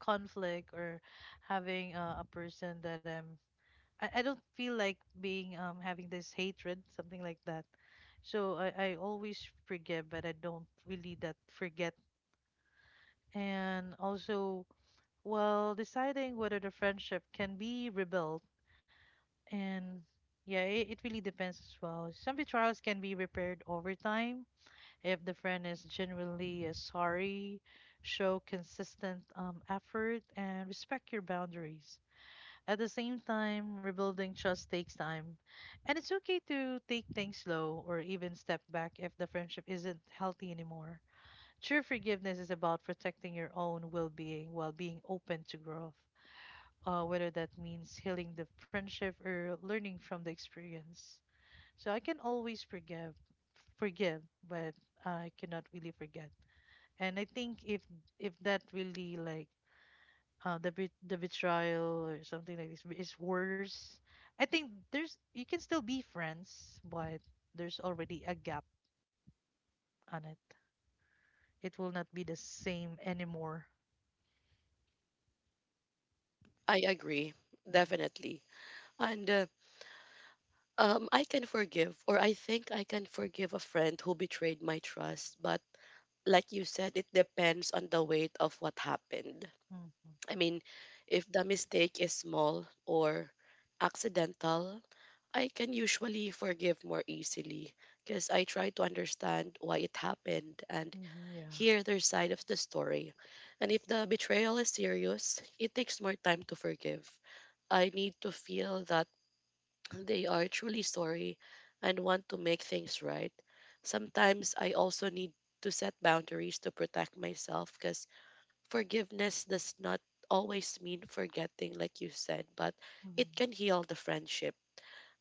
S2: conflict or having a person that I don't feel like being having this hatred, something like that. So I always forgive, but I don't really that forget. And also, while deciding whether the friendship can be rebuilt, and yeah, it really depends as well. Some betrayals can be repaired over time. If the friend is genuinely sorry, show consistent effort and respect your boundaries. At the same time, rebuilding trust takes time. And it's okay to take things slow or even step back if the friendship isn't healthy anymore. True forgiveness is about protecting your own well being while being open to growth, whether that means healing the friendship or learning from the experience. So I can always forgive, but I cannot really forget. And I think if that really like the betrayal or something like this is worse, I think there's you can still be friends, but there's already a gap on it. It will not be the same anymore.
S1: I agree,
S2: hmm
S1: definitely. And I can forgive, or I think I can forgive a friend who betrayed my trust, but like you said, it depends on the weight of what happened.
S2: hmm
S1: I mean, if the mistake is small or accidental, I can usually forgive more easily because I try to understand why it happened and
S2: yeah,
S1: hear their side of the story. And if the betrayal is serious, it takes more time to forgive. I need to feel that they are truly sorry and want to make things right. Sometimes I also need to set boundaries to protect myself, because forgiveness does not always mean forgetting, like you said, but it can
S2: hmm
S1: heal the friendship.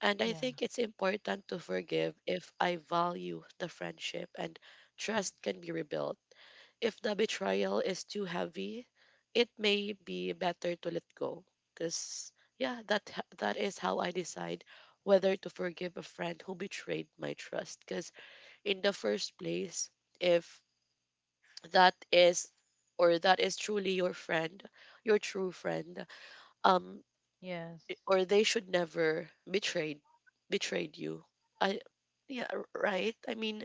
S1: And I
S2: yeah,
S1: think it's important to forgive if I value the friendship and trust can be rebuilt. If the betrayal is too heavy, it may be better to let go. Cause yeah, that is how I decide whether to forgive a friend who betrayed my trust. Cause in the first place, if that is that is truly your friend, your true friend, um,
S2: yes,
S1: or they should never betrayed you. I Yeah, right? I mean,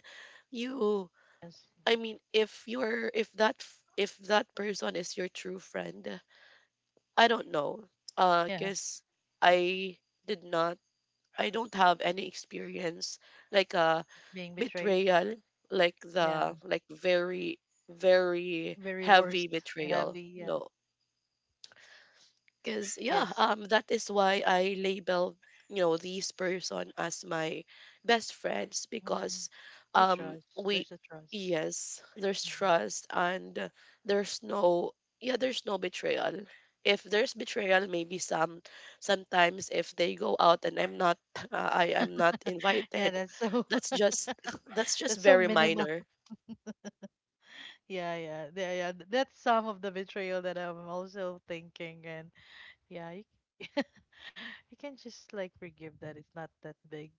S1: you
S2: yes,
S1: I mean, if you're if that f- if that person is your true friend, I don't know.
S2: yeah,
S1: Cuz I did not, I don't have any experience, like a
S2: being betrayed,
S1: betrayal, like
S2: yeah,
S1: the like very very
S2: very
S1: heavy
S2: worst
S1: betrayal.
S2: heavy, yeah,
S1: No. Because yeah,
S2: yes,
S1: that is why I label, you know, these person as my best friends
S2: hmm
S1: because
S2: you trust,
S1: we
S2: there's a trust.
S1: yes, there's
S2: Mhm.
S1: trust, and there's no yeah, there's no betrayal. If there's betrayal, maybe sometimes, if they go out and I'm not I am not
S2: Yeah,
S1: invited,
S2: that's so.
S1: that's just that's just
S2: That's so
S1: very
S2: minimal.
S1: minor.
S2: Yeah, yeah, yeah, yeah. That's some of the betrayal that I'm also thinking, and yeah, you, you can just like forgive that. It's not that big.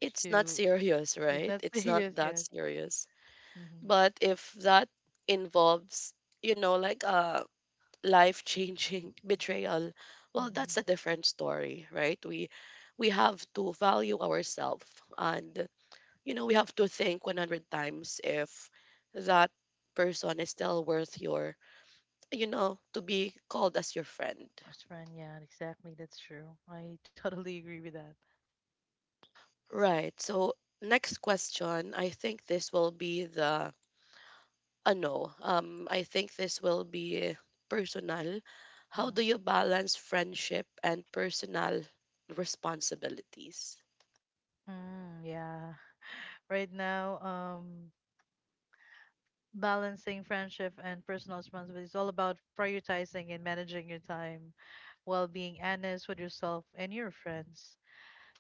S1: It's not
S2: To
S1: serious,
S2: it's
S1: right?
S2: not
S1: It's not
S2: serious.
S1: that
S2: Yes.
S1: serious.
S2: Mm-hmm.
S1: But if that involves, you know, like a life changing betrayal, well, that's
S2: Mm-hmm.
S1: a different story, right? We have to value ourselves, and you know, we have to think 100 times if that person is still worth your, you know, to be called as your friend.
S2: As friend, yeah, exactly. That's true. I totally agree with that.
S1: Right. So, next question, I think this will be the Ano, I think this will be personal. How do
S2: Hmm.
S1: you balance friendship and personal responsibilities?
S2: Mm, yeah. Right now, balancing friendship and personal responsibility is all about prioritizing and managing your time, while being honest with yourself and your friends,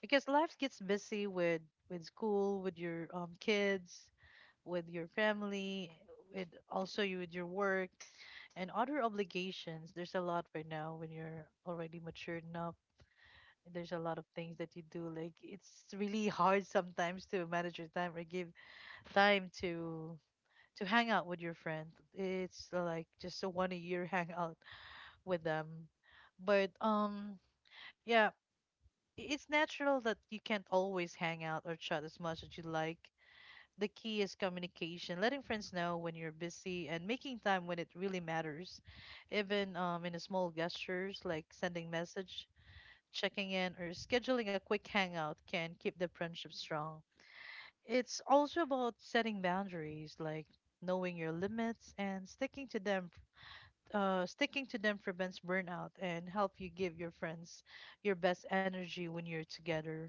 S2: because life gets busy with school, with your kids, with your family, with also you with your work and other obligations. There's a lot right now when you're already matured enough. There's a lot of things that you do. Like it's really hard sometimes to manage your time or give time to hang out with your friend. It's like just a one a year hangout with them. But yeah, it's natural that you can't always hang out or chat as much as you like. The key is communication, letting friends know when you're busy and making time when it really matters, even in the small gestures like sending message, checking in, or scheduling a quick hangout can keep the friendship strong. It's also about setting boundaries, like knowing your limits and sticking to them. Sticking to them prevents burnout and help you give your friends your best energy when you're together.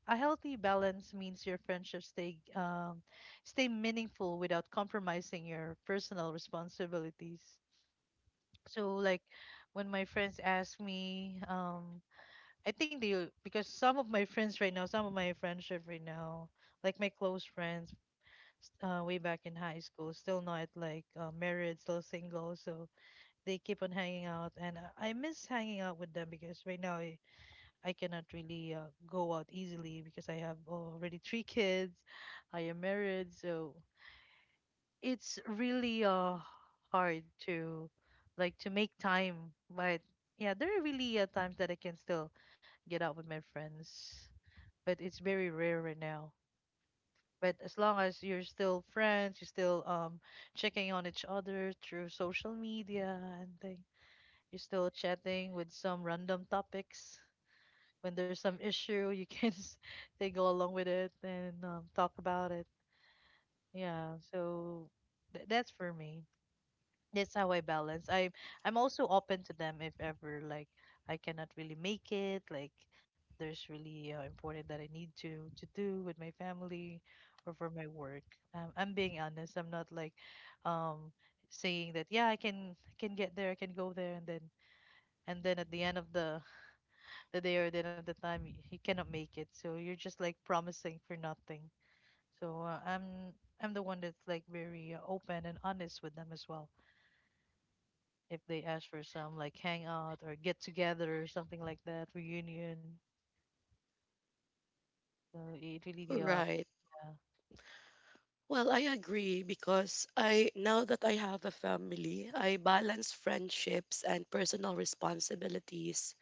S2: A healthy balance means your friendships stay meaningful without compromising your personal responsibilities. So like when my friends ask me, I think they because some of my friends right now, some of my friendship right now, like my close friends way back in high school, still not like married, still single, so they keep on hanging out, and I miss hanging out with them because right now I cannot really go out easily because I have already 3 kids. I am married, so it's really hard to like to make time. But yeah, there are really times that I can still get out with my friends, but it's very rare right now. But as long as you're still friends, you're still checking on each other through social media and thing, you're still chatting with some random topics. When there's some issue you can they go along with it and talk about it. Yeah, so that's for me, that's how I balance. I'm also open to them if ever like I cannot really make it, like there's really important that I need to do with my family or for my work. I'm being honest. I'm not like um saying that yeah I can get there I can go there, and then at the end of the day, or the end of the time, you cannot make it, so you're just like promising for nothing. So I'm the one that's like very open and honest with them as well, if they ask for some like hangout or get together or something like that reunion. So it really
S1: Right.
S2: yeah.
S1: Well, I agree, because I now that I have a family, I balance friendships and personal responsibilities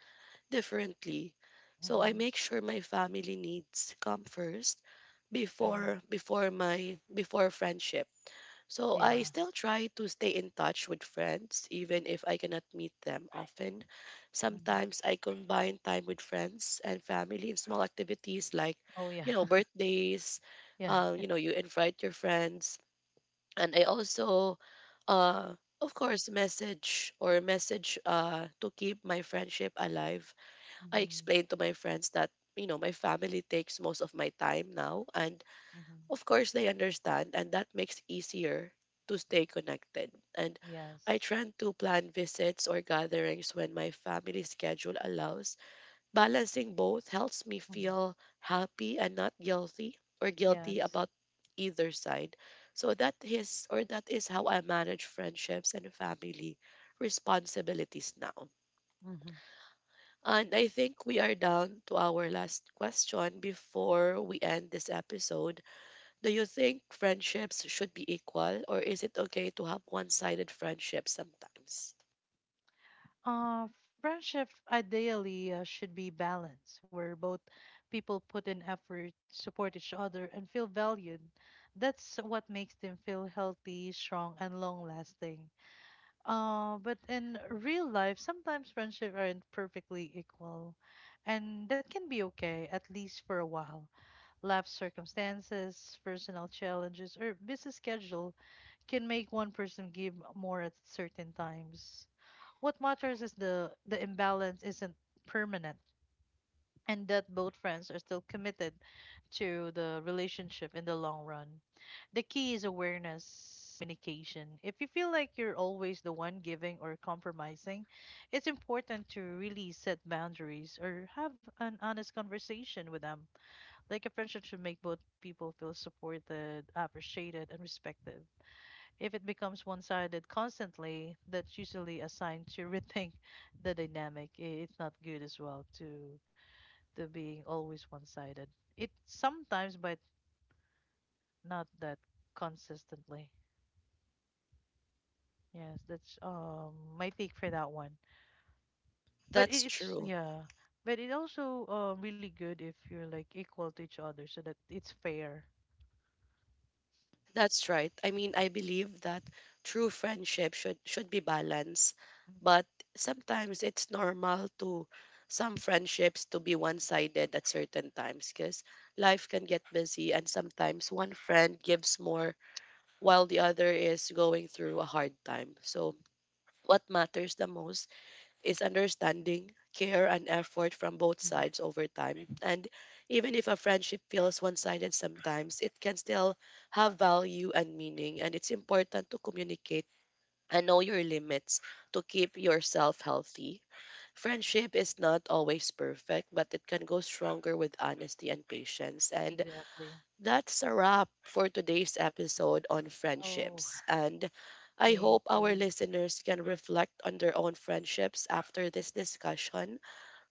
S1: differently. So
S2: Mm-hmm.
S1: I make sure my family needs come first before
S2: Mm-hmm.
S1: before my before friendship. So I
S2: Yeah.
S1: still try to stay in touch with friends, even if I cannot meet them often.
S2: Mm-hmm.
S1: Sometimes I combine time with friends and family in small activities like,
S2: Oh yeah.
S1: you know, birthdays.
S2: Yeah.
S1: You know, you invite your friends, and I also, uh, of course, message to keep my friendship alive. I
S2: Mm-hmm.
S1: explain to my friends that you know my family takes most of my time now, and
S2: Mm-hmm.
S1: of course, they understand, and that makes easier to stay connected. And I
S2: Yes.
S1: try to plan visits or gatherings when my family schedule allows. Balancing both helps me
S2: Mm-hmm.
S1: feel happy and not guilty
S2: Yes.
S1: about either side. So that is how I manage friendships and family responsibilities now.
S2: Mm-hmm.
S1: And I think we are down to our last question before we end this episode. Do you think friendships should be equal, or is it okay to have one sided friendships sometimes?
S2: Uh, friendship ideally should be balanced, where both people put in effort, support each other, and feel valued. That's what makes them feel healthy, strong, and long lasting. But in real life, sometimes friendships aren't perfectly equal, and that can be okay, at least for a while. Life circumstances, personal challenges, or busy schedule can make one person give more at certain times. What matters is the imbalance isn't permanent, and that both friends are still committed to the relationship in the long run. The key is awareness, communication. If you feel like you're always the one giving or compromising, it's important to really set boundaries or have an honest conversation with them. Like a friendship should make both people feel supported, appreciated, and respected. If it becomes one-sided constantly, that's usually a sign to rethink the dynamic. It's not good as well to being always one-sided. It sometimes, but not that consistently. Yes, that's my take for that one. But it,
S1: That's
S2: it's
S1: true.
S2: yeah, but it also really good if you're like equal to each other, so that it's fair.
S1: That's right. I mean, I believe that true friendship should be balanced,
S2: Mhm.
S1: but sometimes it's normal to some friendships to be one-sided at certain times, because life can get busy and sometimes one friend gives more while the other is going through a hard time. So what matters the most is understanding, care, and effort from both
S2: Mhm.
S1: sides over time. And even if a friendship feels one sided sometimes, it can still have value and meaning. And it's important to communicate and know your limits to keep yourself healthy. Friendship is not always perfect, but it can go stronger with honesty and patience. And
S2: Exactly.
S1: that's a wrap for today's episode on
S2: Oh,
S1: friendships. And I
S2: thank
S1: hope our
S2: you.
S1: listeners can reflect on their own friendships after this discussion.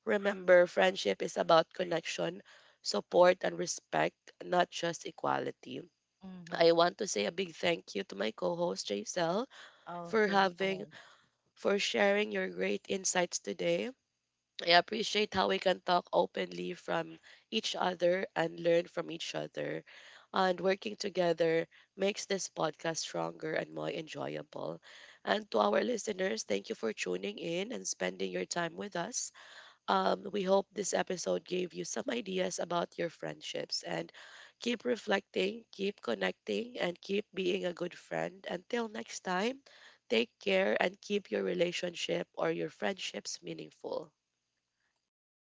S1: Remember, friendship is about connection, support, and respect, not just equality.
S2: Hmm.
S1: I want to say a big thank you to my co-host Jaisel
S2: Oh,
S1: for
S2: thank you so
S1: having
S2: much.
S1: for sharing your great insights today. I appreciate how we can talk openly from each other and learn from each other. And working together makes this podcast stronger and more enjoyable. And to our listeners, thank you for tuning in and spending your time with us. We hope this episode gave you some ideas about your friendships. And keep reflecting, keep connecting, and keep being a good friend. Until next time, take care and keep your relationship or your friendships meaningful.
S2: Yes,